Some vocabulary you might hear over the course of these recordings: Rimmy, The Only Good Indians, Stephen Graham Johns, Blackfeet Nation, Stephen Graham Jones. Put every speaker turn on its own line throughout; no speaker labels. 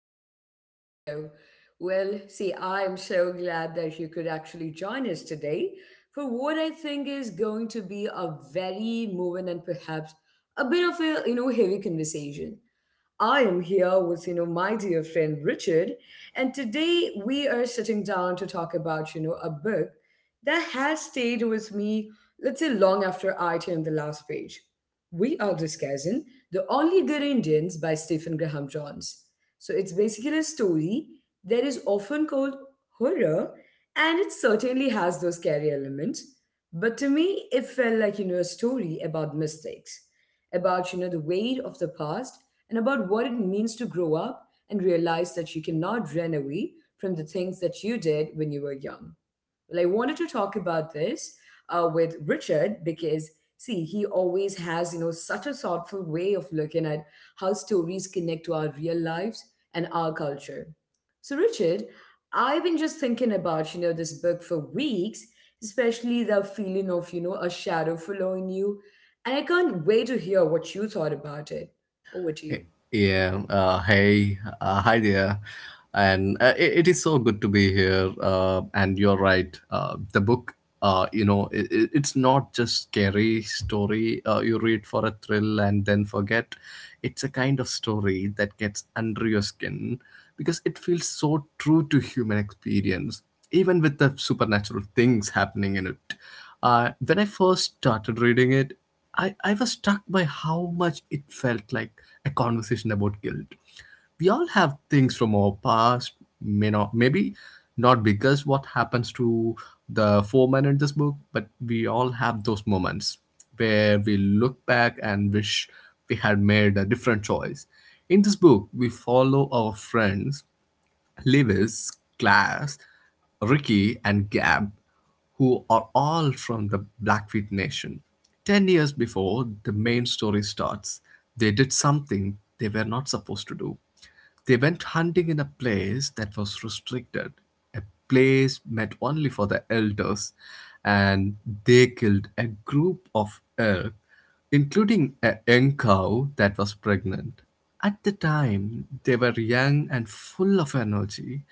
welcome back to the show. Well, see, I am so glad that you could actually join us today for what I think is going to be a very moving and perhaps a bit of a heavy conversation. I am here with, my dear friend Richard, and today we are sitting down to talk about, a book that has stayed with me, let's say, long after I turned the last page. We are discussing The Only Good Indians by Stephen Graham Johns. So it's basically a story that is often called horror, and it certainly has those scary elements. But to me, it felt like, a story about mistakes, about, the weight of the past and about what it means to grow up and realize that you cannot run away from the things that you did when you were young. Well, I wanted to talk about this with Richard because, see, he always has, such a thoughtful way of looking at how stories connect to our real lives and our culture. So, Richard, I've been just thinking about, this book for weeks, especially the feeling of, a shadow following you. And I can't wait to hear what you thought about it. Over to you.
Hey- Yeah, hey, hi there. And it is so good to be here. And you're right. The book, it's not just scary story you read for a thrill and then forget. It's a kind of story that gets under your skin because it feels so true to human experience, even with the supernatural things happening in it. When I first started reading it, I was struck by how much it felt like a conversation about guilt. We all have things from our past, maybe not because what happens to the foreman in this book, but we all have those moments where we look back and wish we had made a different choice. In this book, we follow our friends Lewis, Class, Ricky, and Gab, who are all from the Blackfeet Nation. 10 years before the main story starts, they did something they were not supposed to do. They went hunting in a place that was restricted, a place meant only for the elders, and they killed a group of elk, including a young cow that was pregnant. At the time, they were young and full of energy,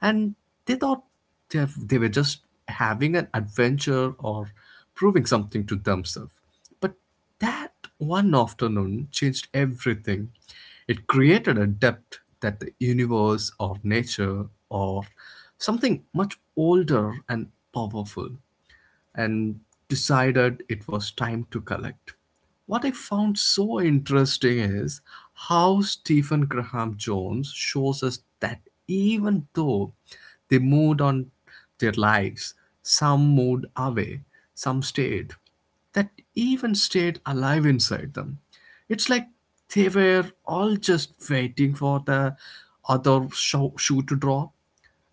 and they thought they were just having an adventure or proving something to themselves. But that one afternoon changed everything. It created a depth that the universe or nature or something much older and powerful and decided it was time to collect. What I found so interesting is how Stephen Graham Jones shows us that even though they moved on their lives, some moved away, some stayed, that even stayed alive inside them. It's like they were all just waiting for the other shoe to drop,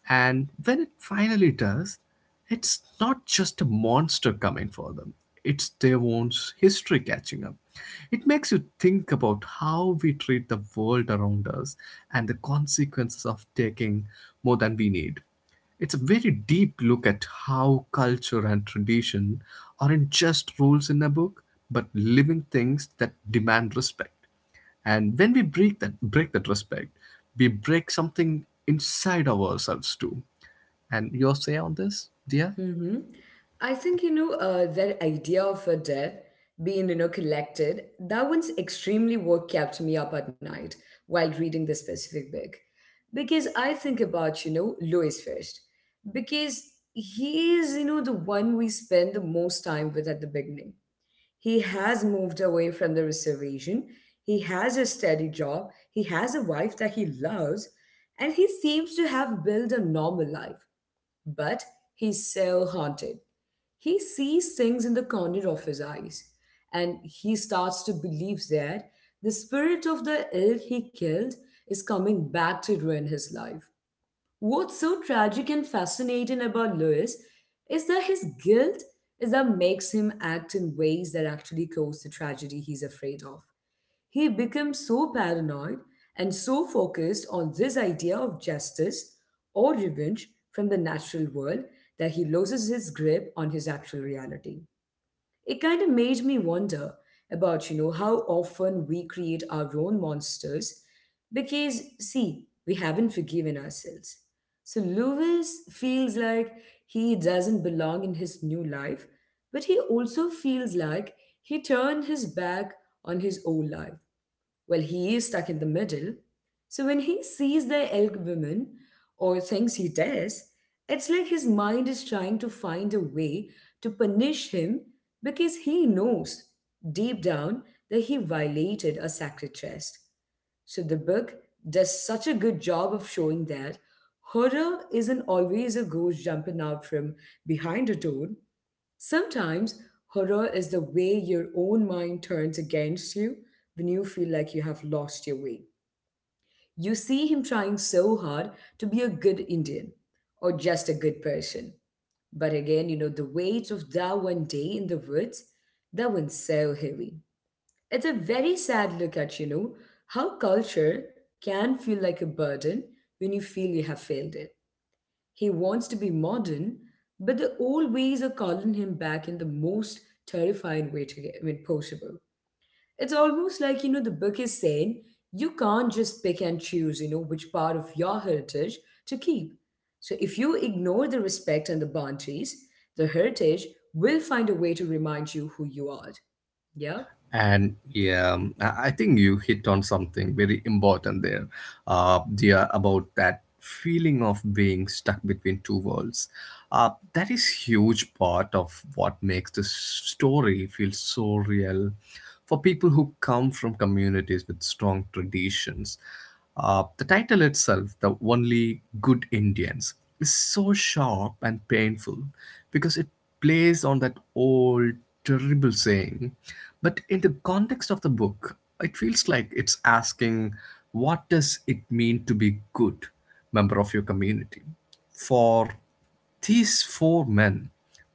and when it finally does, it's not just a monster coming for them, it's their own history catching up. It makes you think about how we treat the world around us and the consequences of taking more than we need. It's a very deep look at how culture and tradition aren't just rules in a book, but living things that demand respect. And when we break that respect, we break something inside of ourselves too. And your say on this, dear?
Hmm. I think, that idea of a debt being, collected, that one's extremely what kept me up at night while reading this specific book. Because I think about, Louis first. Because he is, the one we spend the most time with at the beginning. He has moved away from the reservation. He has a steady job. He has a wife that he loves. And he seems to have built a normal life. But he's so haunted. He sees things in the corner of his eyes. And he starts to believe that the spirit of the elk he killed is coming back to ruin his life. What's so tragic and fascinating about Lewis is that his guilt is that makes him act in ways that actually cause the tragedy he's afraid of. He becomes so paranoid and so focused on this idea of justice or revenge from the natural world that he loses his grip on his actual reality. It kind of made me wonder about, how often we create our own monsters because, see, we haven't forgiven ourselves. So Lewis feels like he doesn't belong in his new life, but he also feels like he turned his back on his old life. Well, he is stuck in the middle. So when he sees the elk woman or thinks he does, it's like his mind is trying to find a way to punish him because he knows deep down that he violated a sacred trust. So the book does such a good job of showing that horror isn't always a ghost jumping out from behind a door. Sometimes horror is the way your own mind turns against you when you feel like you have lost your way. You see him trying so hard to be a good Indian or just a good person. But again, the weight of that one day in the woods, that one's so heavy. It's a very sad look at, how culture can feel like a burden when you feel you have failed it. He wants to be modern, but the old ways are calling him back in the most terrifying way to get, I mean, possible. It's almost like, the book is saying you can't just pick and choose, which part of your heritage to keep. So if you ignore the respect and the boundaries, the heritage will find a way to remind you who you are. Yeah?
And yeah, I think you hit on something very important there, dear, about that feeling of being stuck between two worlds. That is huge part of what makes this story feel so real for people who come from communities with strong traditions. The title itself, The Only Good Indians, is so sharp and painful because it plays on that old terrible saying. But in the context of the book, it feels like it's asking what does it mean to be good member of your community? For these four men,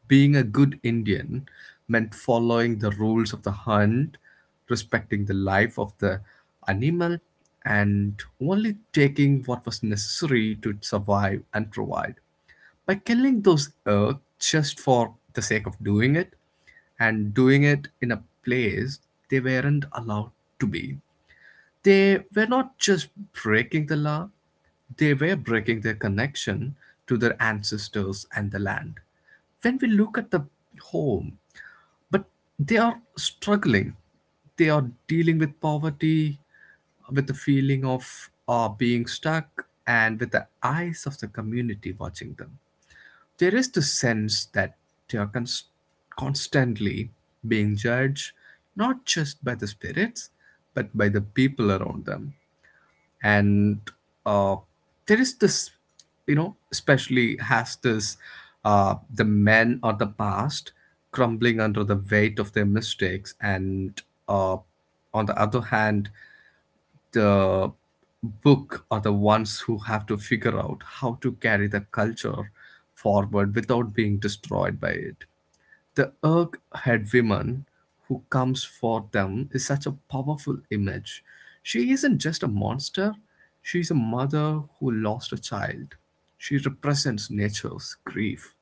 being a good Indian meant following the rules of the hunt, respecting the life of the animal, and only taking what was necessary to survive and provide by killing those elk just for the sake of doing it and doing it in a place they weren't allowed to be. They were not just breaking the law, they were breaking their connection to their ancestors and the land. When we look at the home, but they are struggling, they are dealing with poverty, with the feeling of being stuck, and with the eyes of the community watching them, there is the sense that they are constantly being judged, not just by the spirits, but by the people around them. And uh, there is this, especially has this the men or the past crumbling under the weight of their mistakes, and uh, on the other hand, the book are the ones who have to figure out how to carry the culture forward without being destroyed by it. The Urg head woman who comes for them is such a powerful image. She isn't just a monster, she's a mother who lost a child. She represents nature's grief.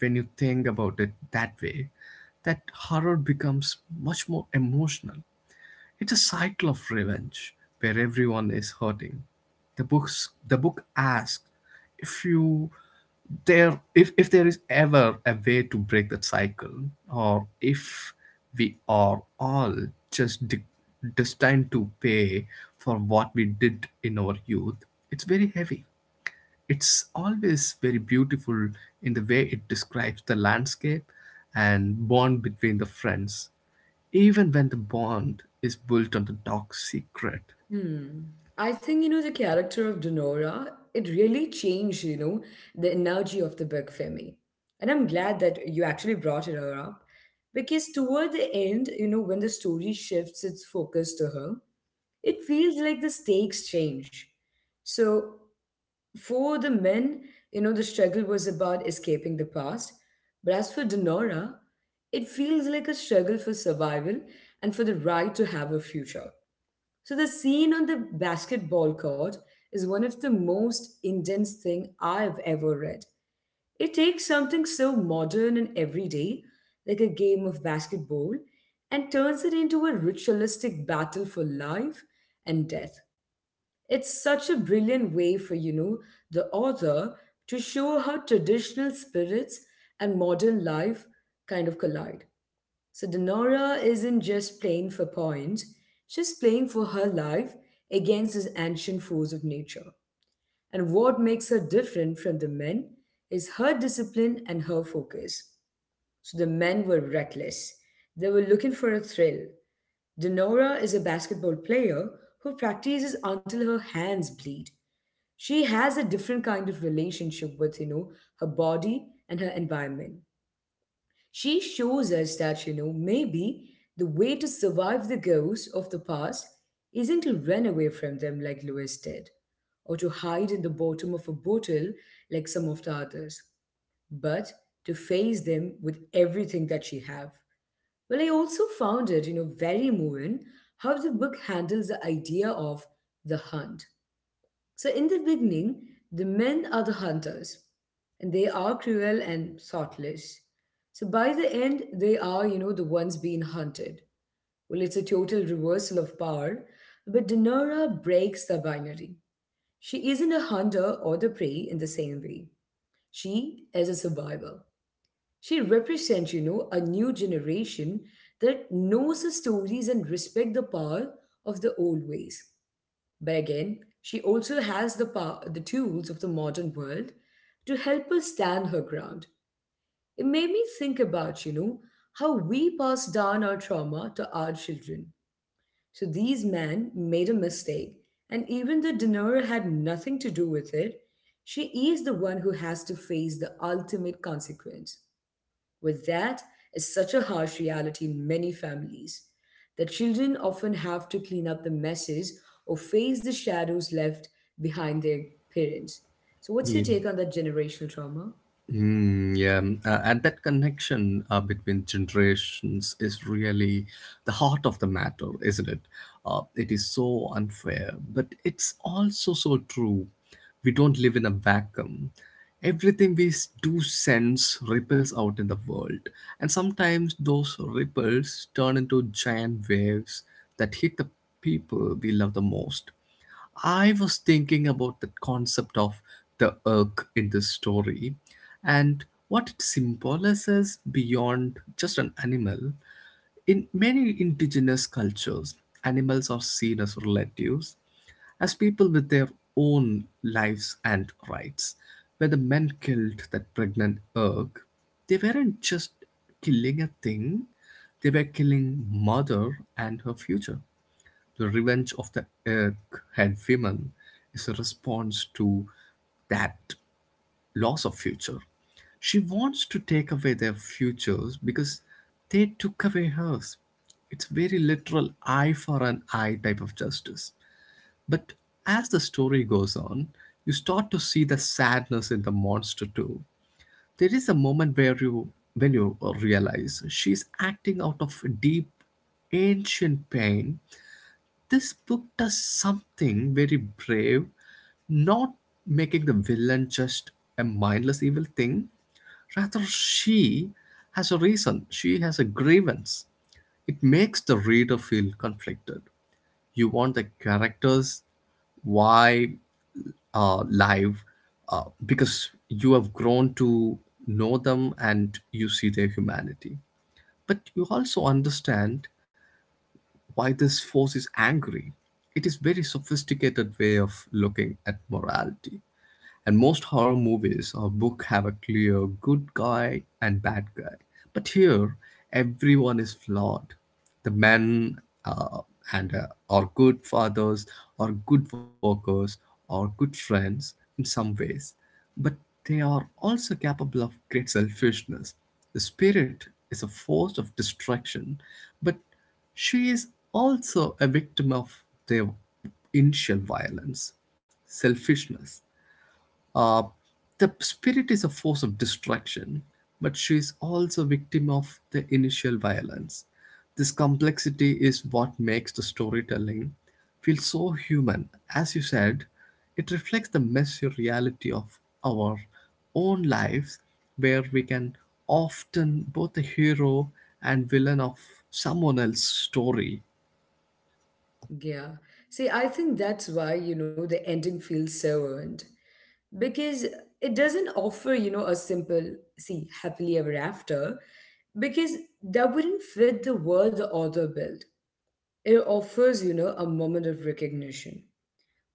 When you think about it that way, that horror becomes much more emotional. It's a cycle of revenge where everyone is hurting. The book asks if you there, if there is ever a way to break that cycle, or if we are all just destined to pay for what we did in our youth. It's very heavy. It's always very beautiful in the way it describes the landscape and bond between the friends, even when the bond is built on the dark secret.
Hmm. I think, the character of Donora, it really changed, the energy of the book for me. And I'm glad that you actually brought her up because toward the end, when the story shifts its focus to her, it feels like the stakes change. So for the men, the struggle was about escaping the past. But as for Donora, it feels like a struggle for survival and for the right to have a future. So the scene on the basketball court is one of the most intense thing I've ever read. It takes something so modern and everyday, like a game of basketball, and turns it into a ritualistic battle for life and death. It's such a brilliant way for, the author to show how traditional spirits and modern life kind of collide. So Denora isn't just playing for points, she's playing for her life against this ancient force of nature. And what makes her different from the men is her discipline and her focus. So the men were reckless. They were looking for a thrill. Denora is a basketball player who practices until her hands bleed. She has a different kind of relationship with, her body and her environment. She shows us that, maybe the way to survive the ghosts of the past isn't to run away from them like Lewis did, or to hide in the bottom of a bottle like some of the others, but to face them with everything that she have. Well, I also found it, very moving how the book handles the idea of the hunt. So, in the beginning, the men are the hunters, and they are cruel and thoughtless. So, by the end, they are, the ones being hunted. Well, it's a total reversal of power, but Denora breaks the binary. She isn't a hunter or the prey in the same way. She is a survivor. She represents, a new generation that knows the stories and respect the power of the old ways. But again, she also has the power, the tools of the modern world to help her stand her ground. It made me think about, how we pass down our trauma to our children. So these men made a mistake, and even the dinner had nothing to do with it. She is the one who has to face the ultimate consequence. With that is such a harsh reality in many families. The children often have to clean up the messes or face the shadows left behind their parents. So, what's your
Yeah.
take on that generational trauma?
Mm, yeah. And that connection between generations is really the heart of the matter, isn't it? It is so unfair, but it's also so true. We don't live in a vacuum. Everything we do sense ripples out in the world, and sometimes those ripples turn into giant waves that hit the people we love the most. I was thinking about the concept of the Urk in this story and what it symbolizes beyond just an animal. In many indigenous cultures, animals are seen as relatives, as people with their own lives and rights. When the men killed that pregnant Urk, they weren't just killing a thing, they were killing mother and her future. The Revenge of the Egghead Women is a response to that loss of future. She wants to take away their futures because they took away hers. It's very literal eye for an eye type of justice. But as the story goes on, you start to see the sadness in the monster too. There is a moment where you when you realize she's acting out of deep ancient pain. This book does something very brave, not making the villain just a mindless evil thing. Rather, she has a reason, she has a grievance. It makes the reader feel conflicted. You want the characters why live, because you have grown to know them and you see their humanity. But you also understand why this force is angry. It is very sophisticated way of looking at morality. And most horror movies or book have a clear good guy and bad guy. But here, everyone is flawed. The men and are good fathers, or good workers, or good friends in some ways, but they are also capable of great selfishness. The spirit is a force of destruction, but she is also a victim of their initial violence, selfishness. Uh, the spirit is a force of distraction, but she is also a victim of the initial violence. This complexity is what makes the storytelling feel so human. As you said, it reflects the messy reality of our own lives, where we can often both the hero and villain of someone else's story.
Yeah. See, I think that's why, the ending feels so earned. Because it doesn't offer, a simple, see, happily ever after, because that wouldn't fit the world the author built. It offers, a moment of recognition.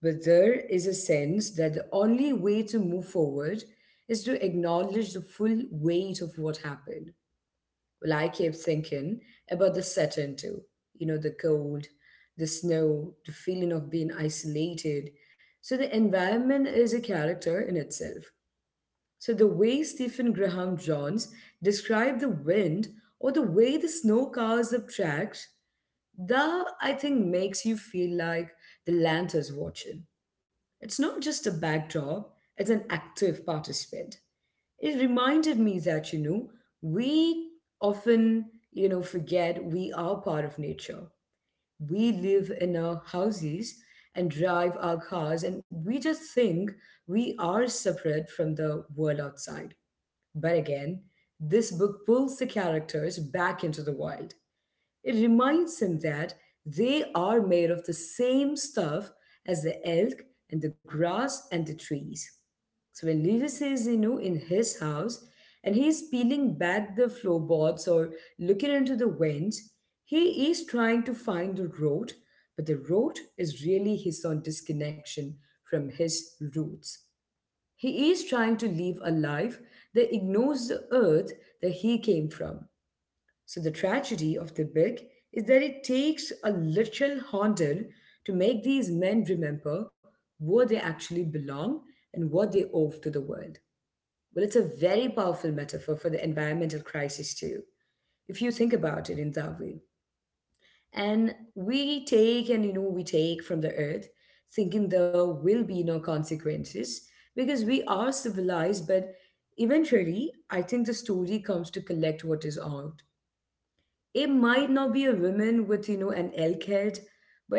But there is a sense that the only way to move forward is to acknowledge the full weight of what happened. Well, I kept thinking about the Saturn too. The cold, the snow, the feeling of being isolated. So the environment is a character in itself. So the way Stephen Graham Johns described the wind or the way the snow cars up tracks, that I think makes you feel like the land is watching. It's not just a backdrop, it's an active participant. It reminded me that, we often, forget we are part of nature. We live in our houses and drive our cars, and we just think we are separate from the world outside. But again, this book pulls the characters back into the wild. It reminds them that they are made of the same stuff as the elk and the grass and the trees. So when Lewis is, in his house and he's peeling back the floorboards or looking into the vents, he is trying to find the road, but the road is really his own disconnection from his roots. He is trying to live a life that ignores the earth that he came from. So the tragedy of the book is that it takes a literal haunted to make these men remember where they actually belong and what they owe to the world. Well, it's a very powerful metaphor for the environmental crisis too, if you think about it in that way. And we take and we take from the earth, thinking there will be no consequences because we are civilized. But eventually, I think the story comes to collect what is owed. It might not be a woman with, an elk head,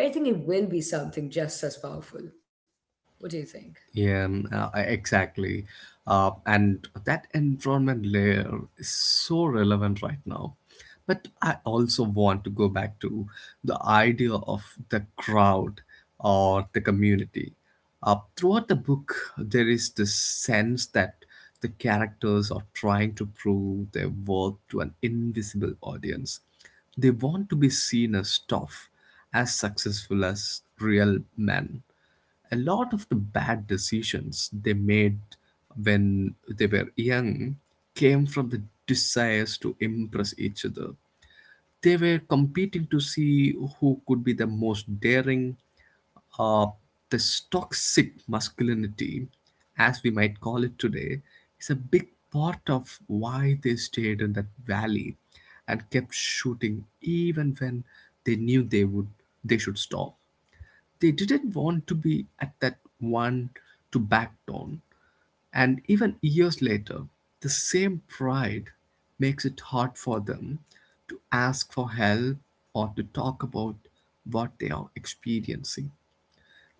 but I think it will be something just as powerful. What do you think?
Yeah, exactly. And that environment layer is so relevant right now. But I also want to go back to the idea of the crowd or the community. Throughout the book, there is this sense that the characters are trying to prove their worth to an invisible audience. They want to be seen as tough, as successful as real men. A lot of the bad decisions they made when they were young came from the desires to impress each other. They were competing to see who could be the most daring. Uh, this toxic masculinity, as we might call it today, is a big part of why they stayed in that valley and kept shooting even when they knew they should stop. They didn't want to be at that one to back down. And even years later, the same pride makes it hard for them to ask for help or to talk about what they are experiencing.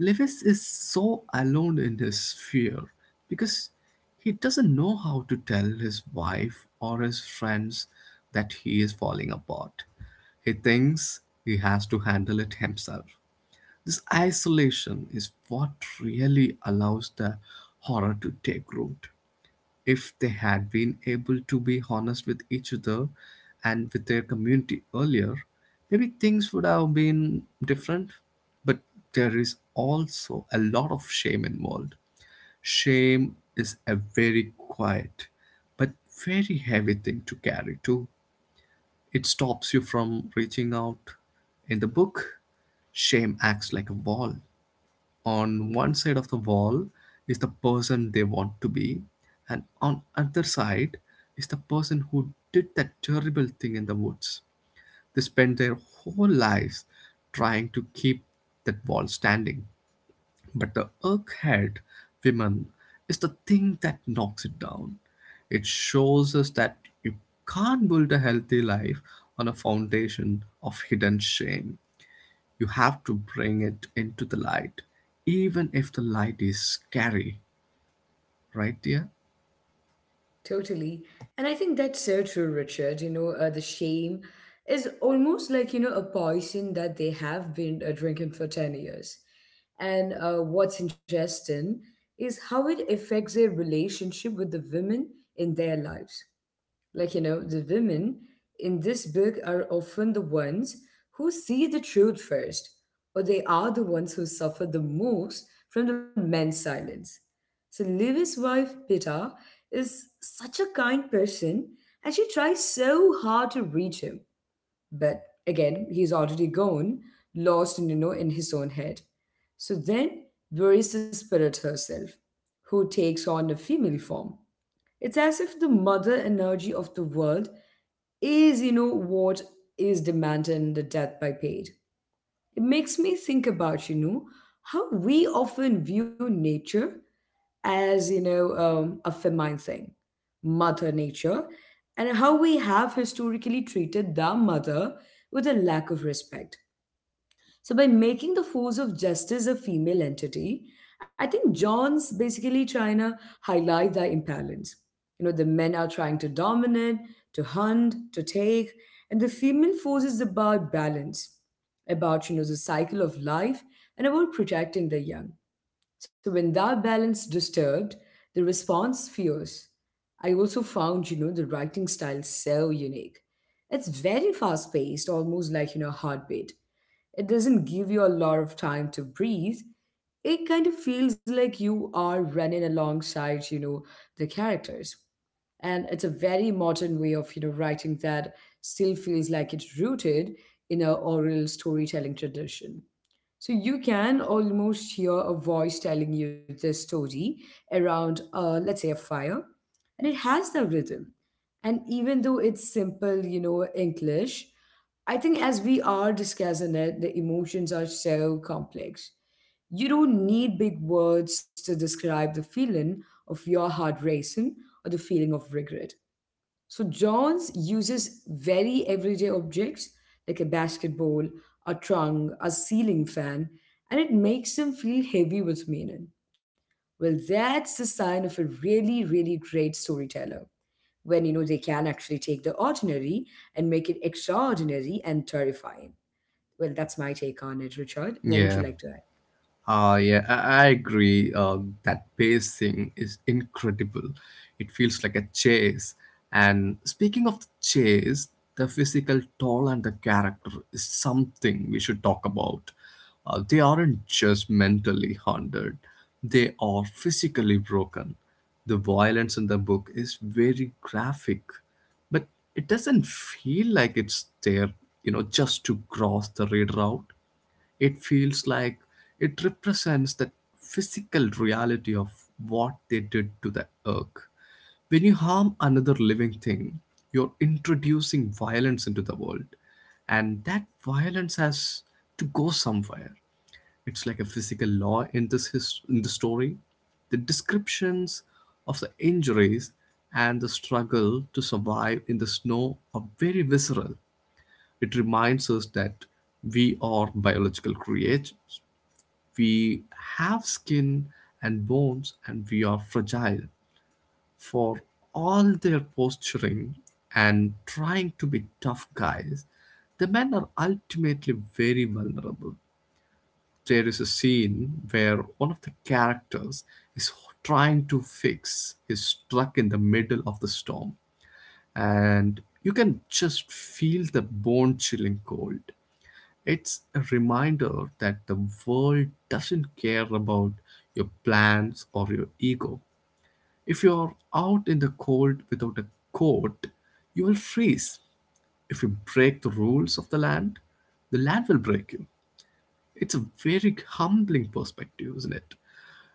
Lewis is so alone in his fear because he doesn't know how to tell his wife or his friends that he is falling apart. He thinks he has to handle it himself. This isolation is what really allows the horror to take root. If they had been able to be honest with each other and with their community earlier, maybe things would have been different. But there is also a lot of shame involved. Shame is a very quiet but very heavy thing to carry too. It stops you from reaching out. In the book, shame acts like a wall. On one side of the wall is the person they want to be, and on other side is the person who did that terrible thing in the woods. They spend their whole lives trying to keep that wall standing, but the earth-head women is the thing that knocks it down. It shows us that you can't build a healthy life on a foundation of hidden shame. You have to bring it into the light, even if the light is scary, right, dear?
Totally. And I think that's so true, Richard. The shame is almost like, a poison that they have been drinking for 10 years. And what's interesting is how it affects their relationship with the women in their lives. Like, the women in this book are often the ones who see the truth first, or they are the ones who suffer the most from the men's silence. So, Livy's wife, Pita, is such a kind person and she tries so hard to reach him. But again, he's already gone, lost in, in his own head. So then there is the spirit herself, who takes on a female form. It's as if the mother energy of the world is, what is demanded in the death by paid. It makes me think about, how we often view nature as, a feminine thing, mother nature, and how we have historically treated the mother with a lack of respect. So, by making the force of justice a female entity, I think John's basically trying to highlight the imbalance. The men are trying to dominate, to hunt, to take, and the female force is about balance, about the cycle of life, and about protecting the young. So when that balance disturbed, the response fierce. I also found, the writing style so unique. It's very fast paced, almost like, heartbeat. It doesn't give you a lot of time to breathe. It kind of feels like you are running alongside, the characters. And it's a very modern way of, writing that still feels like it's rooted in a oral storytelling tradition. So you can almost hear a voice telling you the story around, let's say, a fire, and it has the rhythm. And even though it's simple, English, I think as we are discussing it, the emotions are so complex. You don't need big words to describe the feeling of your heart racing or the feeling of regret. So Johns uses very everyday objects like a basketball, a trunk, a ceiling fan, and it makes him feel heavy with meaning. Well, that's the sign of a really, really great storyteller. When you know they can actually take the ordinary and make it extraordinary and terrifying. Well, that's my take on it, Richard. What would
Yeah.
you like to add?
Yeah, I agree. That pacing is incredible. It feels like a chase. And speaking of the chase, the physical toll and the character is something we should talk about. They aren't just mentally haunted, they are physically broken. The violence in the book is very graphic, but it doesn't feel like it's there, just to cross the reader out. It feels like it represents the physical reality of what they did to the earth. When you harm another living thing, you're introducing violence into the world, and that violence has to go somewhere. It's like a physical law in in the story. The descriptions of the injuries and the struggle to survive in the snow are very visceral. It reminds us that we are biological creatures. We have skin and bones, and we are fragile. For all their posturing and trying to be tough guys, the men are ultimately very vulnerable. There is a scene where one of the characters is trying to fix is struck in the middle of the storm, and you can just feel the bone chilling cold. It's a reminder that the world doesn't care about your plans or your ego. If you're out in the cold without a coat, you will freeze. If you break the rules of the land will break you. It's a very humbling perspective, isn't it?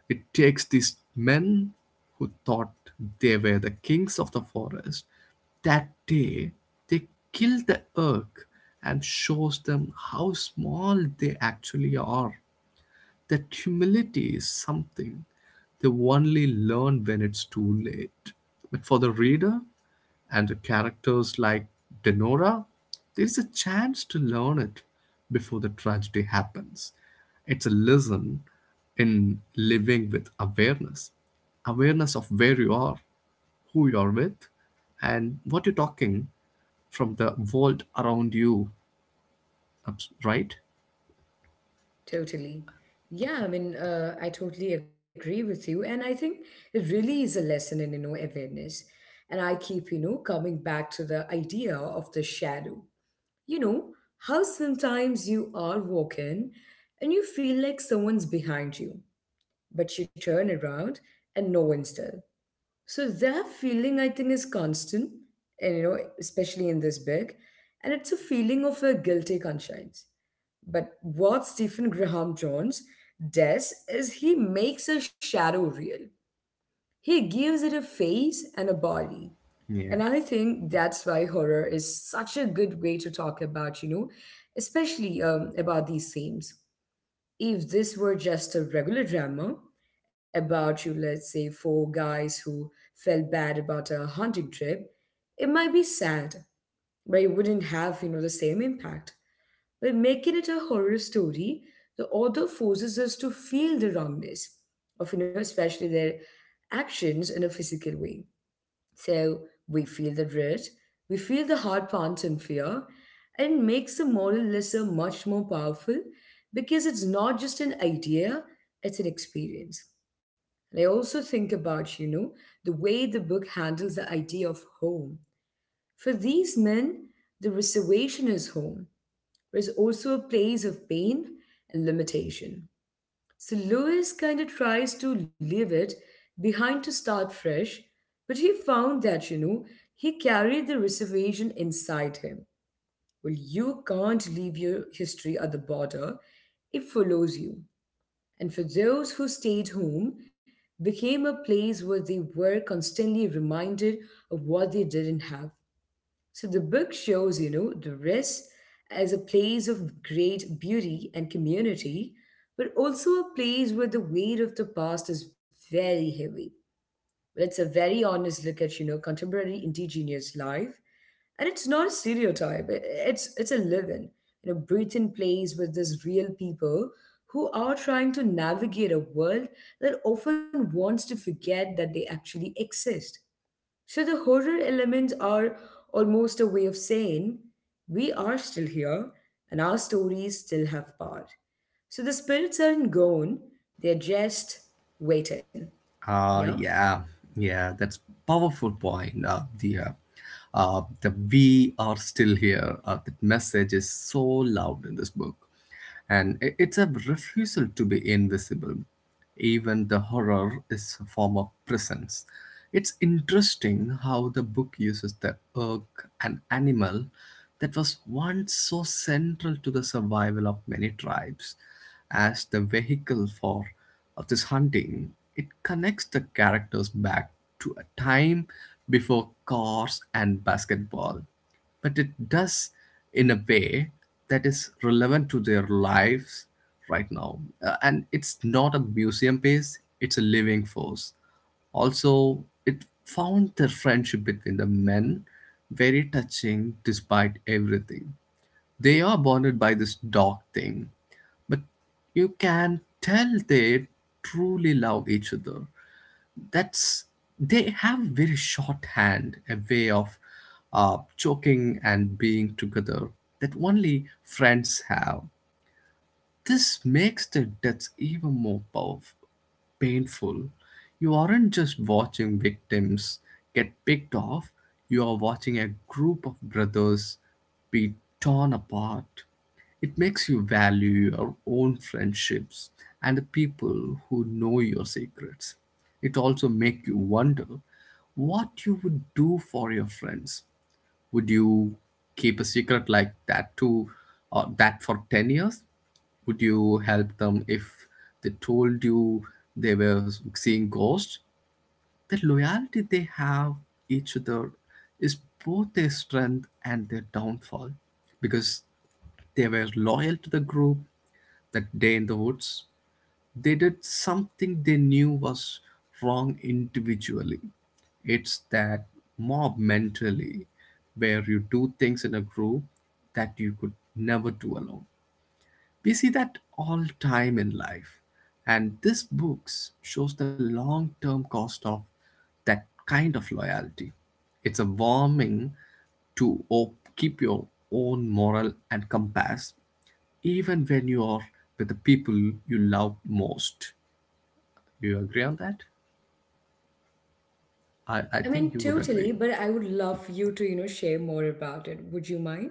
It takes these men who thought they were the kings of the forest. That day, they kill the elk and shows them how small they actually are. That humility is something they only learn when it's too late. But for the reader and the characters like Denora, there is a chance to learn it before the tragedy happens. It's a lesson in living with awareness, awareness of where you are, who you are with, and what you're talking from the world around you, right?
Totally. Yeah, I mean, I totally agree with you. And I think it really is a lesson in, awareness. And I keep, coming back to the idea of the shadow. You know, how sometimes you are walking and you feel like someone's behind you, but you turn around and no one's there. So that feeling, I think, is constant, and, especially in this big. And it's a feeling of a guilty conscience, but what Stephen Graham Jones does is he makes a shadow real. He gives it a face and a body.
Yeah.
And I think that's why horror is such a good way to talk about, especially about these themes. If this were just a regular drama about you, let's say, four guys who felt bad about a hunting trip, it might be sad, but it wouldn't have, the same impact. By making it a horror story, the author forces us to feel the wrongness of, especially their actions in a physical way. So we feel the dread, we feel the hard pants and fear, and makes the moral lesson much more powerful because it's not just an idea, it's an experience. And I also think about, the way the book handles the idea of home. For these men, the reservation is home. There's also a place of pain and limitation. So Lewis kind of tries to leave it behind to start fresh, but he found that, he carried the reservation inside him. Well, you can't leave your history at the border, it follows you. And for those who stayed home, became a place where they were constantly reminded of what they didn't have. So the book shows, the rest as a place of great beauty and community, but also a place where the weight of the past is very heavy. It's a very honest look at, contemporary indigenous life. And it's not a stereotype. It's a living, breathing place with these real people who are trying to navigate a world that often wants to forget that they actually exist. So the horror elements are almost a way of saying we are still here and our stories still have power. So the spirits aren't gone, they're just waiting. Yeah?
Uh, yeah, yeah, that's powerful point. The we are still here. That message is so loud in this book, and it's a refusal to be invisible. Even the horror is a form of presence. It's interesting how the book uses the elk, an animal that was once so central to the survival of many tribes, as the vehicle for of this hunting. It connects the characters back to a time before cars and basketball, but it does in a way that is relevant to their lives right now. And it's not a museum piece, it's a living force. Also, it found the friendship between the men very touching despite everything. They are bonded by this dog thing, but you can tell they truly love each other. That's they have very shorthand a way of joking and being together that only friends have. This makes the deaths even more powerful, painful. You aren't just watching victims get picked off, you are watching a group of brothers be torn apart. It makes you value your own friendships and the people who know your secrets. It also makes you wonder what you would do for your friends. Would you keep a secret like that to or that for 10 years? Would you help them if they told you they were seeing ghosts? The loyalty they have each other is both their strength and their downfall because they were loyal to the group. That day in the woods they did something they knew was wrong individually. It's that mob mentality where you do things in a group that you could never do alone. We see that all time in life. And this book shows the long term cost of that kind of loyalty. It's a warning to keep your own moral and compass even when you are with the people you love most. Do you agree on that? I
I
think
mean,
you would
totally,
agree.
but I would love you to, share more about it. Would you mind?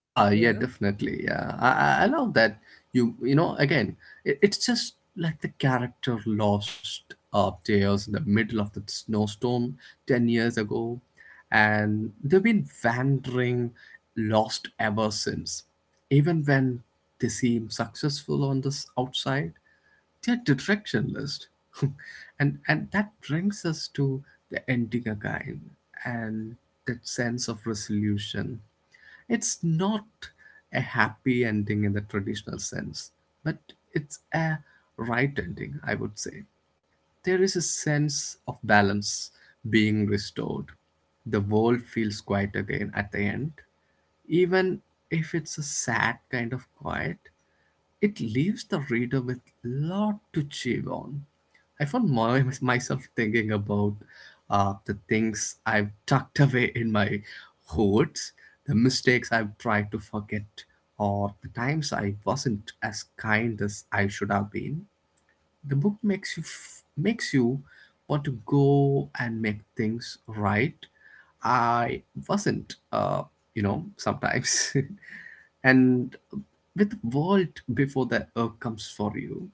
Ah, yeah,
Yeah.
definitely. I love that you know again, it's just like the character lost upstairs in the middle of the snowstorm 10 years ago, and they've been wandering lost ever since. Even when they seem successful on this outside, they're directionless, and that brings us to the ending again and that sense of resolution. It's not a happy ending in the traditional sense, but it's a right ending, I would say. There is a sense of balance being restored. The world feels quiet again at the end, even if it's a sad kind of quiet. It leaves the reader with lot to chew on. I found myself thinking about the things I've tucked away in my hoards, the mistakes I've tried to forget, or the times I wasn't as kind as I should have been. The book makes you makes you want to go and make things right. I wasn't, sometimes. and with Vault before the Earth comes for you,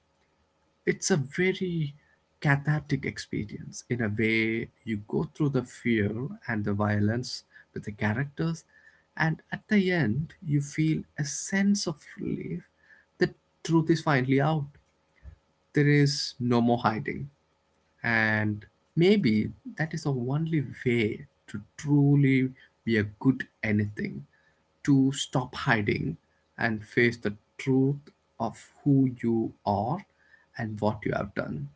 it's a very cathartic experience. In a way, you go through the fear and the violence with the characters, and at the end, you feel a sense of relief. The truth is finally out. There is no more hiding. And maybe that is the only way to truly be a good anything, to stop hiding and face the truth of who you are and what you have done.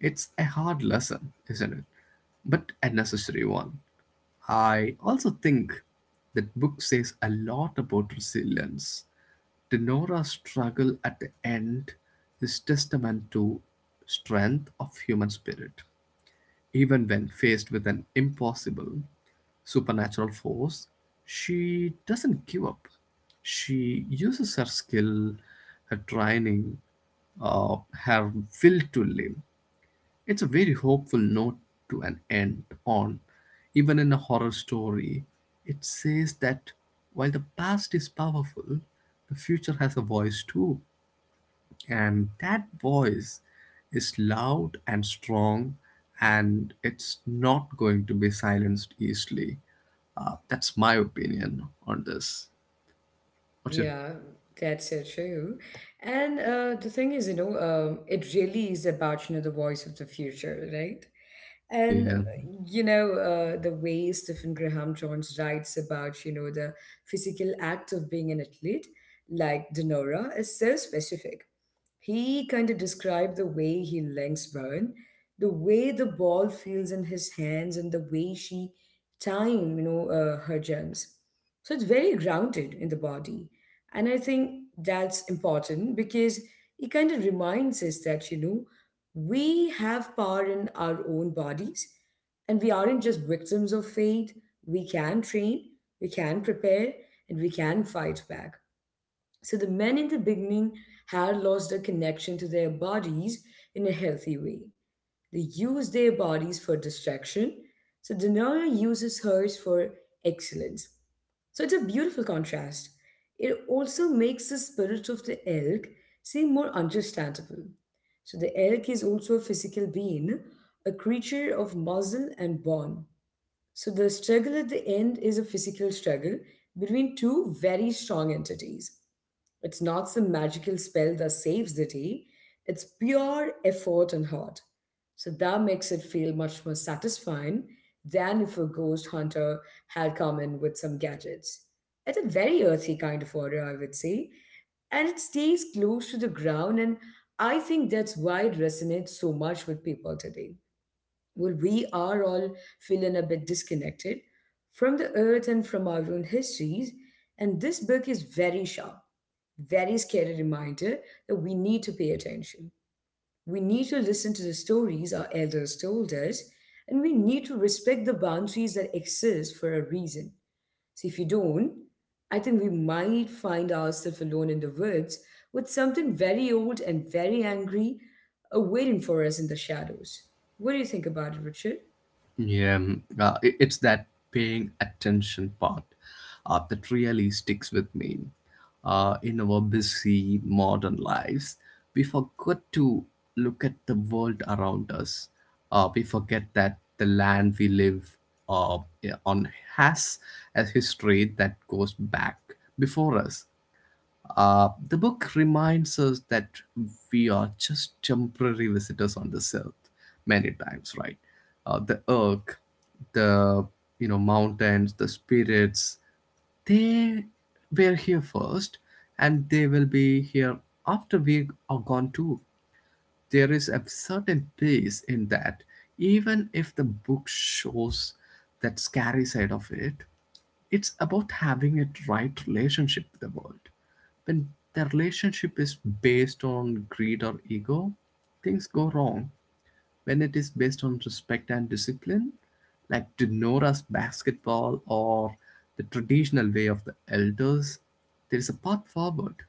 It's a hard lesson, isn't it? But a necessary one. I also think that book says a lot about resilience. The Nora's struggle at the end is testament to strength of human spirit. Even when faced with an impossible supernatural force, she doesn't give up. She uses her skill, her training, uh, her will to live. It's a very hopeful note to an end on. Even in a horror story, it says that while the past is powerful, the future has a voice too, and that voice is loud and strong and it's not going to be silenced easily. That's my opinion on this. What's your?
Yeah, that's so true. And the thing is, it really is about, the voice of the future, right? And
Yeah.
the way Stephen Graham Jones writes about, the physical act of being an athlete, like Denora, is so specific. He kind of described the way he links Bowen, the way the ball feels in his hands, and the way she time, her jumps. So it's very grounded in the body. And I think that's important because it kind of reminds us that, we have power in our own bodies, and we aren't just victims of fate. We can train, we can prepare, and we can fight back. So the men in the beginning had lost their connection to their bodies in a healthy way. They used their bodies for distraction. So Daenerys uses hers for excellence. So it's a beautiful contrast. It also makes the spirit of the elk seem more understandable. So the elk is also a physical being, a creature of muscle and bone. So the struggle at the end is a physical struggle between two very strong entities. It's not some magical spell that saves the day. It's pure effort and heart. So that makes it feel much more satisfying than if a ghost hunter had come in with some gadgets. It's a very earthy kind of order, I would say. And it stays close to the ground, and I think that's why it resonates so much with people today well, we are all feeling a bit disconnected from the earth and from our own histories. And this book is very sharp, very scary reminder that we need to pay attention. We need to listen to the stories our elders told us, and we need to respect the boundaries that exist for a reason. So, if you don't, I think we might find ourselves alone in the woods with something very old and very angry, waiting for us in the shadows. What do you think about it, Richard?
It's that paying attention part that really sticks with me. In our busy modern lives, we forget to look at the world around us. We forget that the land we live yeah, on has a history that goes back before us. The book reminds us that we are just temporary visitors on this earth many times, right? The earth, the you know mountains, the spirits, they were here first and they will be here after we are gone too. There is a certain peace in that, even if the book shows that scary side of it. It's about having a right relationship with the world. When the relationship is based on greed or ego, things go wrong. When it is based on respect and discipline, like to Nora's basketball or the traditional way of the elders, there is a path forward.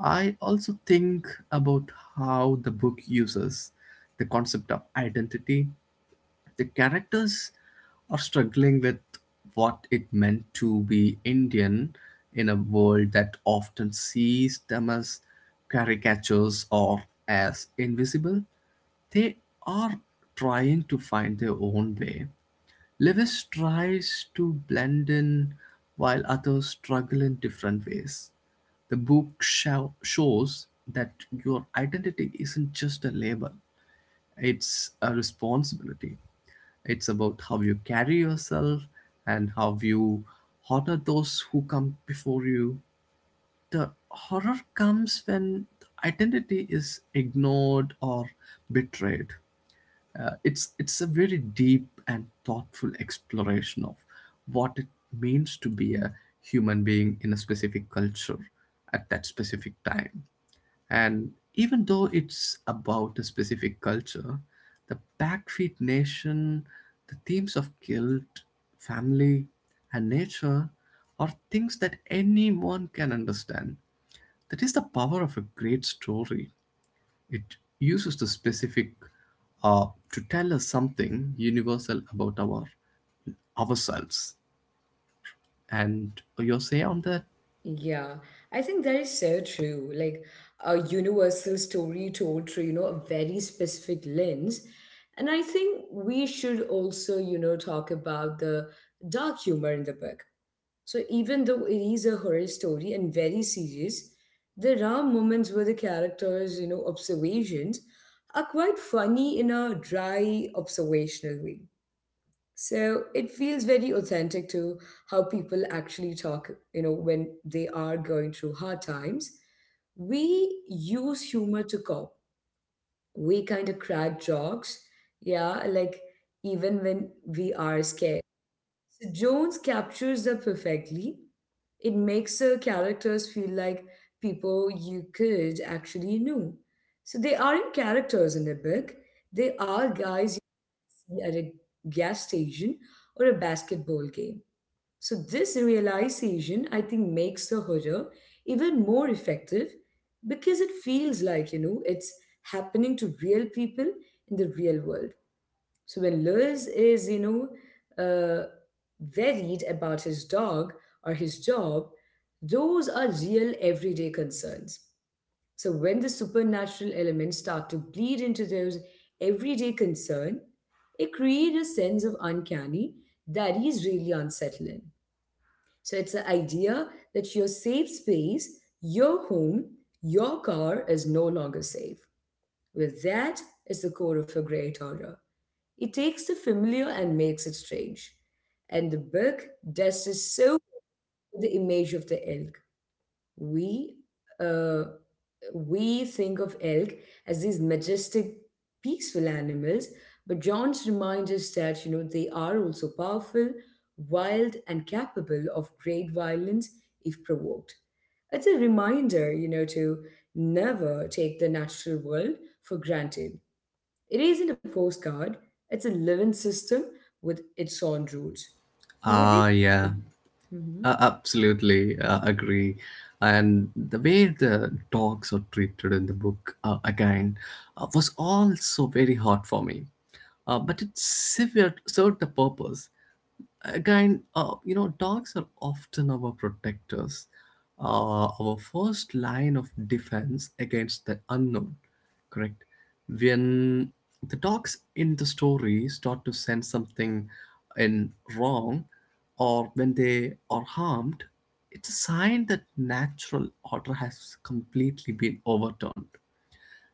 I also think about how the book uses the concept of identity. The characters are struggling with what it meant to be Indian in a world that often sees them as caricatures or as invisible. They are trying to find their own way. Lewis tries to blend in while others struggle in different ways. The shows that your identity isn't just a label, it's a responsibility. It's about how you carry yourself and how you honor those who come before you. The horror comes when identity is ignored or betrayed. It's a very deep and thoughtful exploration of what it means to be a human being in a specific culture at that specific time. And even though it's about a specific culture, the Backfeet Nation, the themes of guilt, family, and nature are things that anyone can understand. That is the power of a great story. It uses the specific to tell us something universal about ourselves. And your say on that?
Yeah, I think that is so true. Like a universal story told through, a very specific lens. And I think we should also, talk about the dark humor in the book. So even though it is a horror story and very serious, there are moments where the characters, observations are quite funny in a dry, observational way. So it feels very authentic to how people actually talk, when they are going through hard times. We use humor to cope. We kind of crack jokes, yeah, like even when we are scared. So Jones captures that perfectly. It makes her characters feel like people you could actually know. So they aren't characters in the book. They are guys at a gas station or a basketball game. So, this realization, I think, makes the horror even more effective because it feels like, it's happening to real people in the real world. So, when Lewis is, worried about his dog or his job, those are real everyday concerns. So when the supernatural elements start to bleed into those everyday concern, it creates a sense of uncanny that is really unsettling. So it's the idea that your safe space, your home, your car is no longer safe. Well, that is the core of a great horror. It takes the familiar and makes it strange. And the book does this so well with the image of the elk. We uh, we think of elk as these majestic, peaceful animals, but John's reminds us that, they are also powerful, wild, and capable of great violence if provoked. It's a reminder, to never take the natural world for granted. It isn't a postcard, it's a living system with its own rules. So, what do you
Ah, yeah,
think? Mm-hmm.
absolutely agree. And the way the dogs are treated in the book again was also very hard for me. But it served the purpose. Again, you know dogs are often our protectors, our first line of defense against the unknown, correct? When the dogs in the story start to sense something in wrong or when they are harmed, it's a sign that natural order has completely been overturned.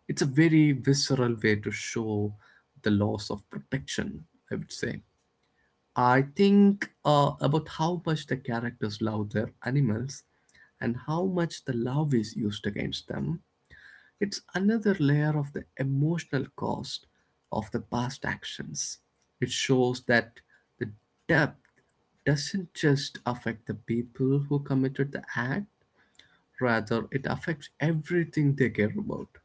It's a very visceral way to show the loss of protection, I would say. I think about how much the characters love their animals and how much the love is used against them. It's another layer of the emotional cost of the past actions. It shows that the depth doesn't just affect the people who committed the act, rather, it affects everything they care about.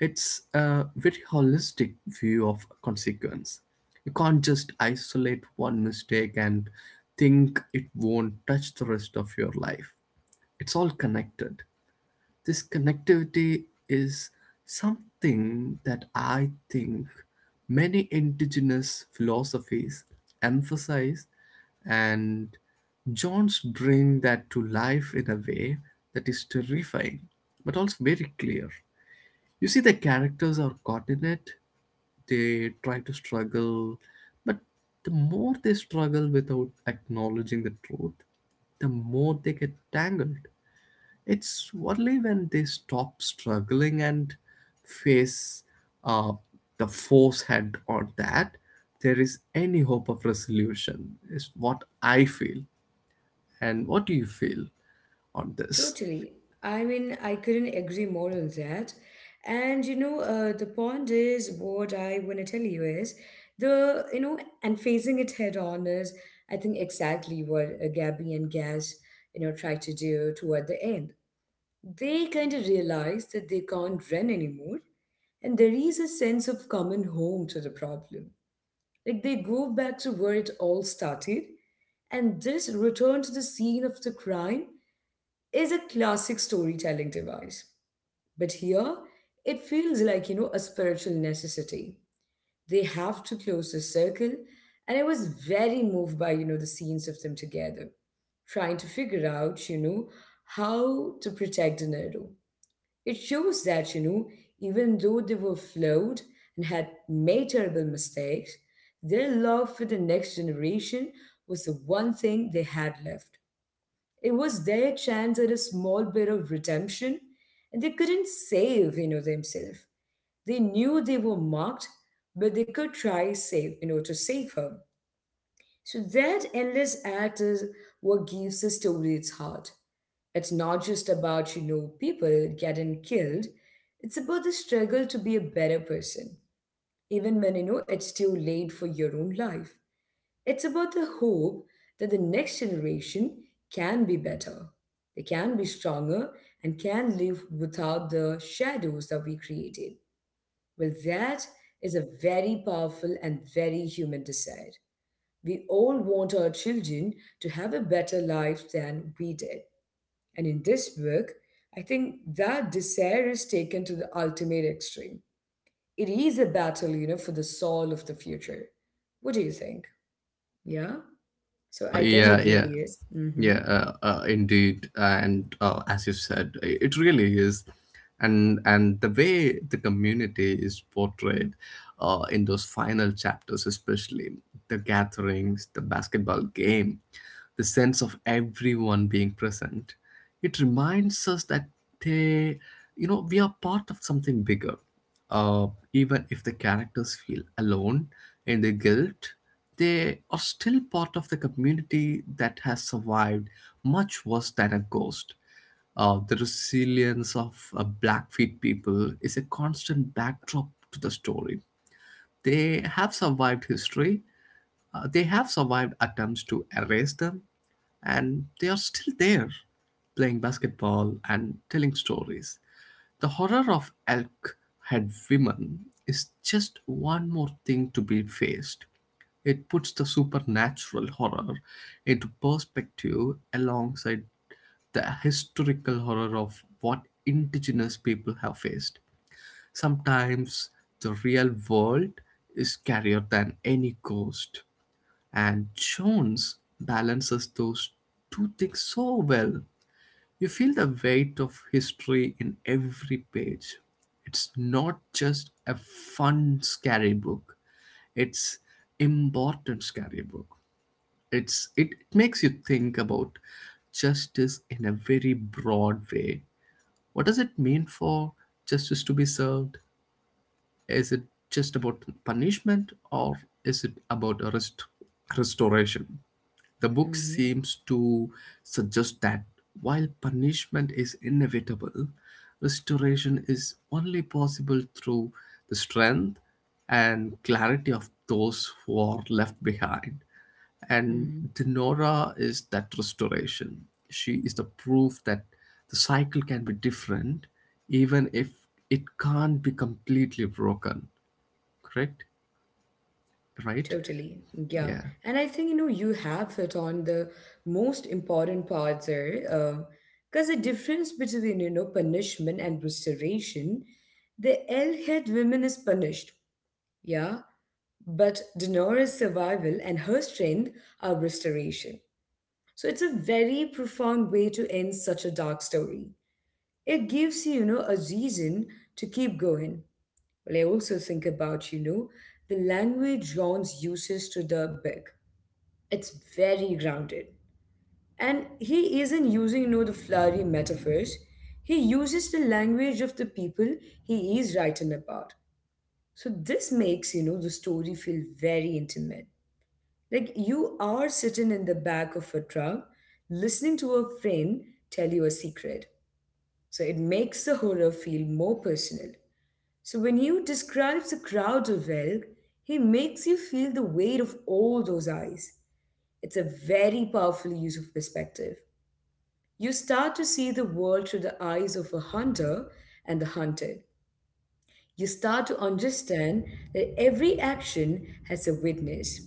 It's a very holistic view of consequence. You can't just isolate one mistake and think it won't touch the rest of your life. It's all connected. This connectivity is something that I think many indigenous philosophies emphasize, and Jones bring that to life in a way that is terrifying but also very clear. You see, the characters are caught in it. They try to struggle, but the more they struggle without acknowledging the truth, the more they get tangled. It's only when they stop struggling and face uh, the force head on that there is any hope of resolution, is what I feel. And what do you feel on this?
Totally. I mean, I couldn't agree more on that. And you know, the point is what I want to tell you is the, and facing it head on is, I think, exactly what Gabby and Gaz, try to do toward the end. They kind of realize that they can't run anymore, and there is a sense of coming home to the problem. Like they go back to where it all started, and this return to the scene of the crime is a classic storytelling device. But here, it feels like, a spiritual necessity. They have to close the circle, and I was very moved by, the scenes of them together, trying to figure out, how to protect Dinero. It shows that, even though they were flawed and had made terrible mistakes, their love for the next generation was the one thing they had left. It was their chance at a small bit of redemption, and they couldn't save, themselves. They knew they were marked, but they could try save, to save her. So that endless act is what gives the story its heart. It's not just about, people getting killed. It's about the struggle to be a better person, even when, it's too late for your own life. It's about the hope that the next generation can be better, they can be stronger, and can live without the shadows that we created. Well, that is a very powerful and very human desire. We all want our children to have a better life than we did. And in this book, I think that desire is taken to the ultimate extreme. It is a battle, for the soul of the future. What do you think? Yeah? So
Uh,
I think
yeah,
it
yeah,
really is. Mm-hmm.
yeah, indeed. And as you said, it really is. And the way the community is portrayed in those final chapters, especially the gatherings, the basketball game, the sense of everyone being present, it reminds us that they, you know, we are part of something bigger. Even if the characters feel alone in their guilt, they are still part of the community that has survived much worse than a ghost. The resilience of Blackfeet people is a constant backdrop to the story. They have survived history, they have survived attempts to erase them, and they are still there playing basketball and telling stories. The horror of elk head women is just one more thing to be faced. It puts the supernatural horror into perspective alongside the historical horror of what indigenous people have faced. Sometimes the real world is scarier than any ghost, and Jones balances those two things so well. You feel the weight of history in every page. It's not just a fun, scary book. It's important scary book. It makes you think about justice in a very broad way. What does it mean for justice to be served? Is it just about punishment or is it about restoration? The book
Mm-hmm.
seems to suggest that while punishment is inevitable, restoration is only possible through the strength and clarity of those who are left behind. And
Mm-hmm.
Denora is that restoration. She is the proof that the cycle can be different, even if it can't be completely broken. Correct? Right?
Totally. Yeah.
Yeah.
And I think, you have hit on the most important part there. Because the difference between, punishment and restoration, the L-head woman is punished. Yeah. But Denora's survival and her strength are restoration. So it's a very profound way to end such a dark story. It gives you, a reason to keep going. Well, I also think about, the language John's uses to the big. It's very grounded. And he isn't using, the flowery metaphors. He uses the language of the people he is writing about. So this makes, the story feel very intimate. Like you are sitting in the back of a truck, listening to a friend tell you a secret. So it makes the horror feel more personal. So when he describes the crowd of elk, he makes you feel the weight of all those eyes. It's a very powerful use of perspective. You start to see the world through the eyes of a hunter and the hunted. You start to understand that every action has a witness,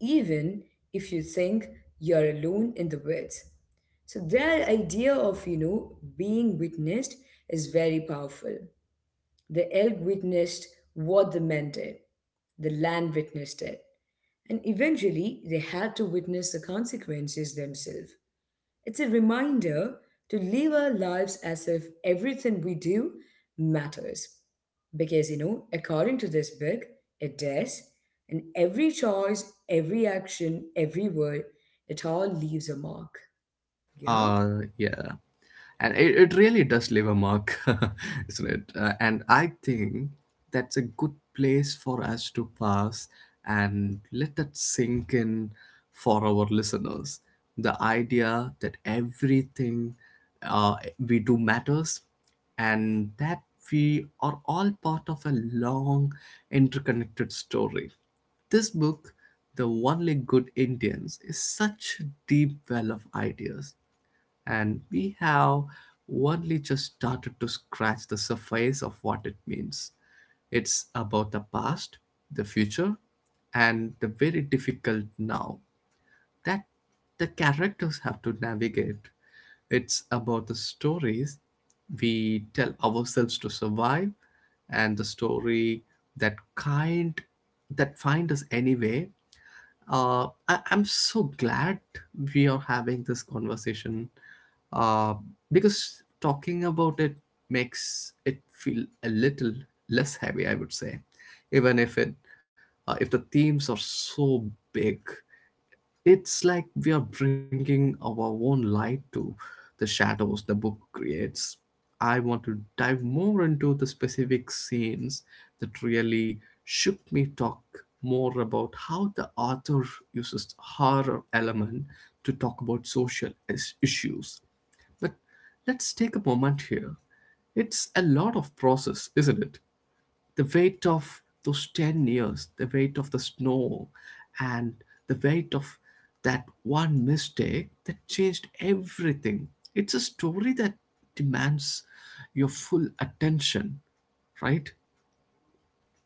even if you think you're alone in the woods. So that idea of, being witnessed is very powerful. The elk witnessed what the men did, the land witnessed it, and eventually they had to witness the consequences themselves. It's a reminder to live our lives as if everything we do matters. Because, according to this book, it does. And every choice, every action, every word, it all leaves a mark. Yeah?
Yeah. And it really does leave a mark, isn't it? And I think that's a good place for us to pass and let that sink in for our listeners. The idea that everything we do matters and that we are all part of a long, interconnected story. This book, The Only Good Indians, is such a deep well of ideas, and we have only just started to scratch the surface of what it means. It's about the past, the future, and the very difficult now that the characters have to navigate. It's about the stories we tell ourselves to survive and the story that kind that find us anyway. I'm so glad we are having this conversation uh, because talking about it makes it feel a little less heavy, I would say, even if it if the themes are so big, it's like we are bringing our own light to the shadows the book creates. I want to dive more into the specific scenes that really shook me, talk more about how the author uses horror element to talk about social issues. But let's take a moment here. It's a lot of process, isn't it? The weight of those 10 years, the weight of the snow, and the weight of that one mistake that changed everything. It's a story that demands your full attention, right?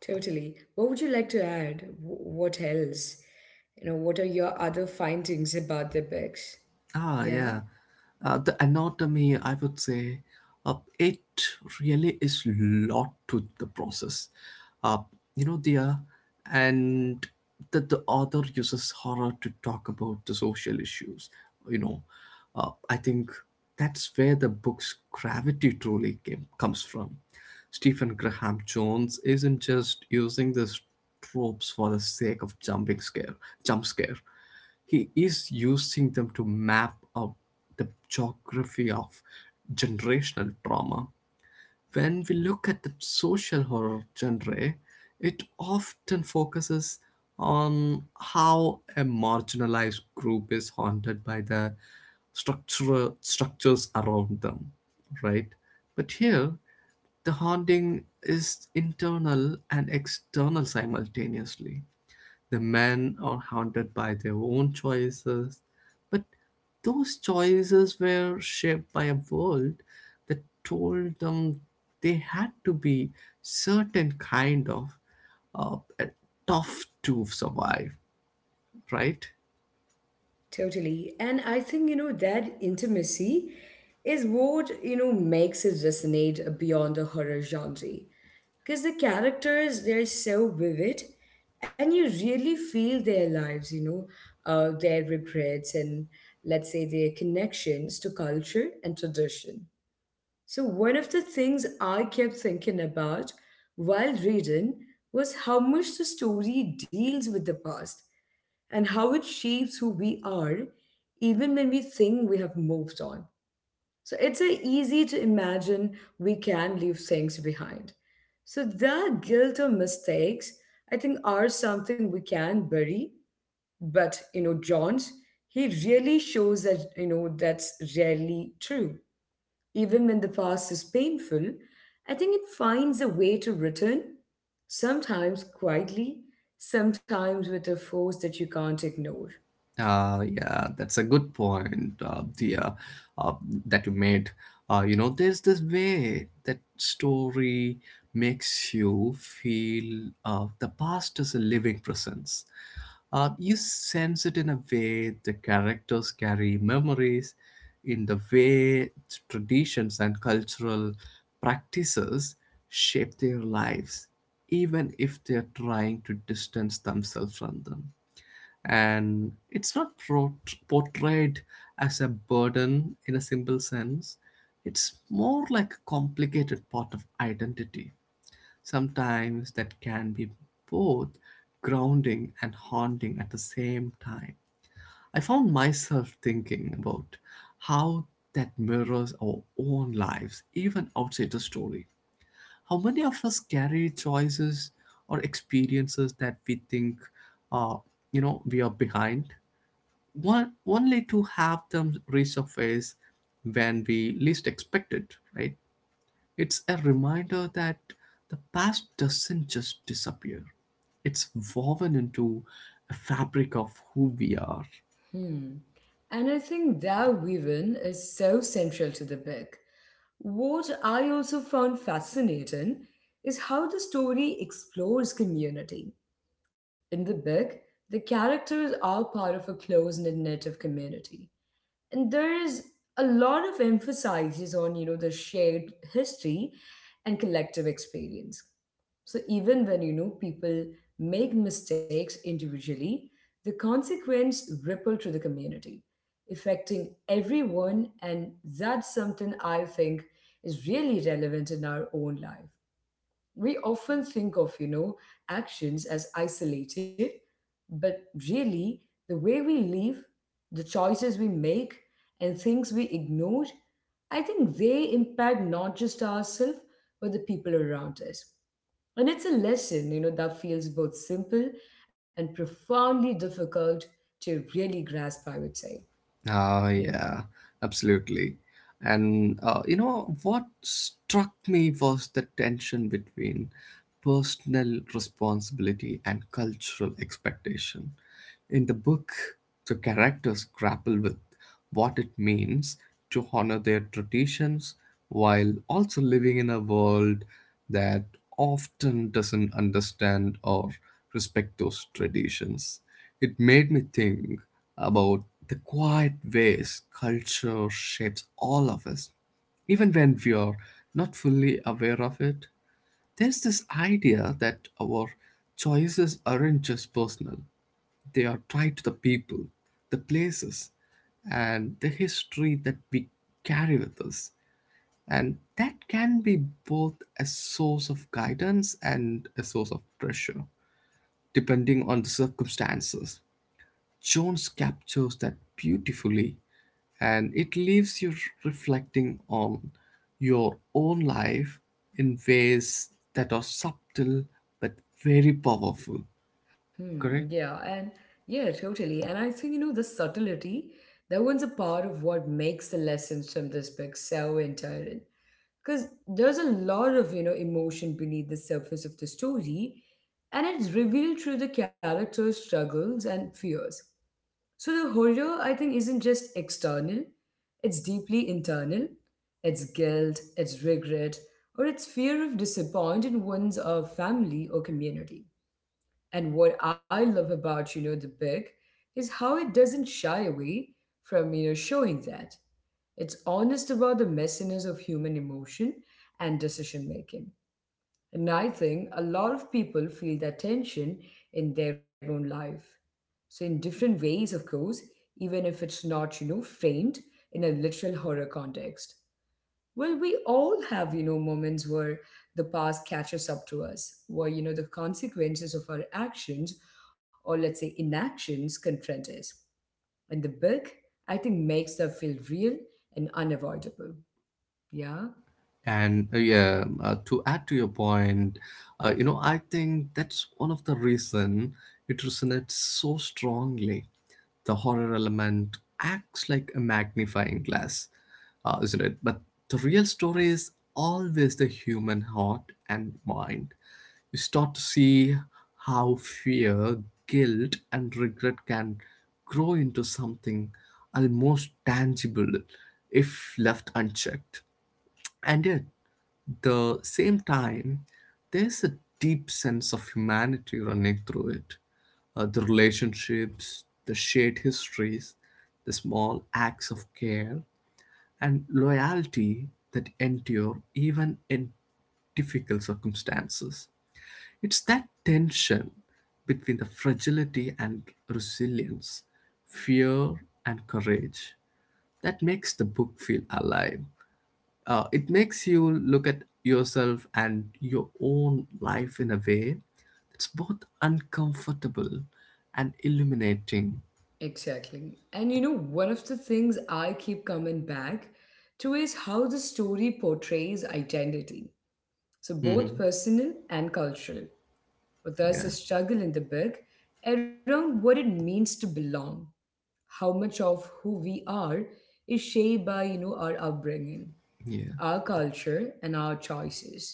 Totally. What would you like to add? What else? You know, what are your other findings about the books?
Ah,
Yeah,
yeah. The anatomy, I would say, it really is lot to the process. Uh, you know, there, and that the author uses horror to talk about the social issues. You know, I think that's where the book's gravity truly comes from. Stephen Graham Jones isn't just using the tropes for the sake of jump scare. He is using them to map out the geography of generational trauma. When we look at the social horror genre, it often focuses on how a marginalized group is haunted by the structural structures around them, right? But here, the haunting is internal and external simultaneously. The men are haunted by their own choices, but those choices were shaped by a world that told them they had to be certain kind of uh, tough to survive, right?
totally. And I think, that intimacy is what, makes it resonate beyond the horror genre. Because the characters, they're so vivid and you really feel their lives, you know, their regrets and, let's say, their connections to culture and tradition. So, one of the things I kept thinking about while reading was how much the story deals with the past and how it shapes who we are, even when we think we have moved on. So, it's easy to imagine we can leave things behind. So, the guilt or mistakes, I think, are something we can bury. But, you know, John, he really shows that, that's rarely true. Even when the past is painful, I think it finds a way to return, sometimes quietly, sometimes with a force that you can't ignore.
Yeah, that's a good point, dear, uh, that you made. You know, there's this way that story makes you feel the past is a living presence. You sense it in a way the characters carry memories, in the way traditions and cultural practices shape their lives, even if they're trying to distance themselves from them. And it's not portrayed as a burden in a simple sense, it's more like a complicated part of identity. Sometimes that can be both grounding and haunting at the same time. I found myself thinking about how that mirrors our own lives, even outside the story. How many of us carry choices or experiences that we think, uh, you know, we are behind, one, only to have them resurface when we least expect it, right? It's a reminder that the past doesn't just disappear, it's woven into a fabric of who we are.
Hmm. And I think that weaving is so central to the book. What I also found fascinating is how the story explores community. In the book, the characters are part of a close knit native community, and there's a lot of emphasis on, you know, the shared history and collective experience. So even when, you know, people make mistakes individually, the consequence ripple to the community, affecting everyone. And that's something I think is really relevant in our own life. We often think of, actions as isolated, but really, the way we live, the choices we make, and things we ignore, I think they impact not just ourselves, but the people around us. And it's a lesson, that feels both simple and profoundly difficult to really grasp, I would say.
Oh
Yeah.
yeah, absolutely. And you know what struck me was the tension between personal responsibility and cultural expectation. In the book, the characters grapple with what it means to honor their traditions while also living in a world that often doesn't understand or respect those traditions. It made me think about the quiet ways culture shapes all of us, even when we are not fully aware of it. There's this idea that our choices aren't just personal, they are tied to the people, the places, and the history that we carry with us. And that can be both a source of guidance and a source of pressure, depending on the circumstances. Jones captures that beautifully, and it leaves you reflecting on your own life in ways that are subtle but very powerful.
Hmm,
Correct?
yeah, and yeah, totally. And I think, the subtlety, that one's a part of what makes the lessons from this book so entirely. Because there's a lot of, emotion beneath the surface of the story, and it's revealed through the characters' struggles and fears. So the horror, I think, isn't just external, it's deeply internal. It's guilt, it's regret, or it's fear of disappointing one's family or community. And what I love about, the book is how it doesn't shy away from, showing that. It's honest about the messiness of human emotion and decision making. And I think a lot of people feel that tension in their own life. So, in different ways, of course, even if it's not, framed in a literal horror context. Well, we all have, moments where the past catches up to us, where, the consequences of our actions or let's say inactions confront us. And the book, I think, makes that feel real and unavoidable. Yeah,
And yeah, to add to your point, you know, I think that's one of the reason it resonates so strongly. The horror element acts like a magnifying glass, isn't it? But the real story is always the human heart and mind. You start to see how fear, guilt, and regret can grow into something almost tangible if left unchecked. And yet, the same time, there's a deep sense of humanity running through it. The relationships, the shared histories, the small acts of care, and loyalty that endure even in difficult circumstances. It's that tension between the fragility and resilience, fear and courage that makes the book feel alive. It makes you look at yourself and your own life in a way that's both uncomfortable and illuminating.
exactly. And, you know, one of the things I keep coming back to is how the story portrays identity. So, both
Hmm.
personal and cultural. But there's a
Yeah,
struggle in the book around what it means to belong, how much of who we are is shaped by, you know, our upbringing,
yeah.
our culture and our choices.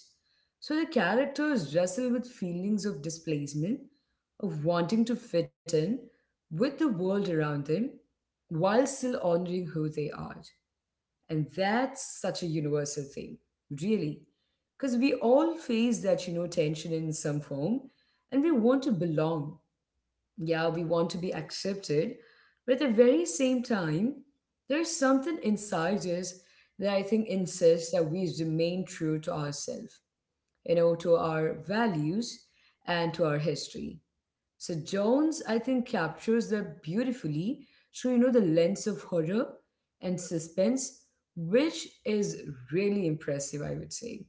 So the characters wrestle with feelings of displacement, of wanting to fit in with the world around them while still honoring who they are. And that's such a universal thing, really, because we all face that, tension in some form. And we want to belong, yeah, we want to be accepted. But at the very same time, there's something inside us that I think insists that we remain true to ourselves, you know, to our values and to our history. So Jones, I think, captures that beautifully through, the lens of horror and suspense, which is really impressive, I would say.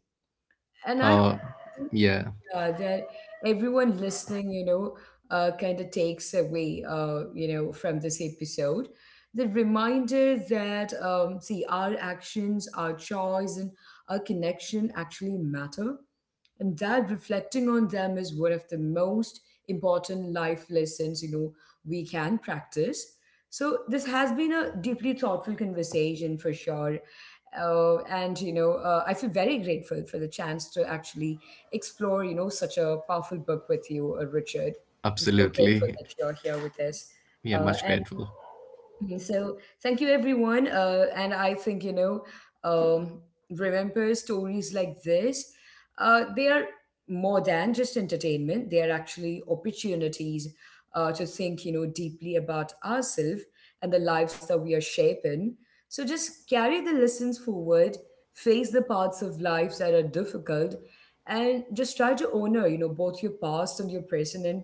And I
Uh, yeah,
yeah, that everyone listening, you know, kind of takes away, you know, from this episode. The reminder that, see, our actions, our choice, and our connection actually matter, and that reflecting on them is one of the most important life lessons, you know, we can practice. So this has been a deeply thoughtful conversation for sure. And you know, I feel very grateful for the chance to actually explore, you know, such a powerful book with you, Richard. I'm so grateful
absolutely.
that you're here with us,
Yeah, much
and
grateful.
okay, so thank you everyone. And I think, you know, um, remember stories like this. They are more than just entertainment. They are actually opportunities to think, deeply about ourselves and the lives that we are shaping. So just carry the lessons forward, face the parts of life that are difficult, and just try to honor, both your past and your present, and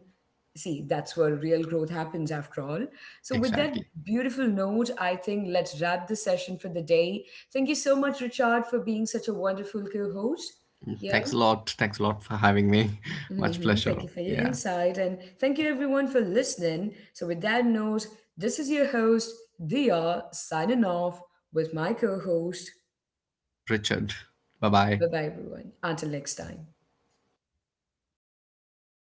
see, that's where real growth happens after all. So, with that
Exactly.
beautiful note, I think let's wrap the session for the day. Thank you so much, Richard, for being such a wonderful co host.
Thanks
Yeah.
a lot. Thanks a lot for having me. Much
Hmm, thank
pleasure.
you for your
Yeah.
insight. And thank you, everyone, for listening. So, with that note, this is your host, Dia, signing off with my co host.
Richard. Bye bye.
Bye bye, everyone. Until next time. Ah.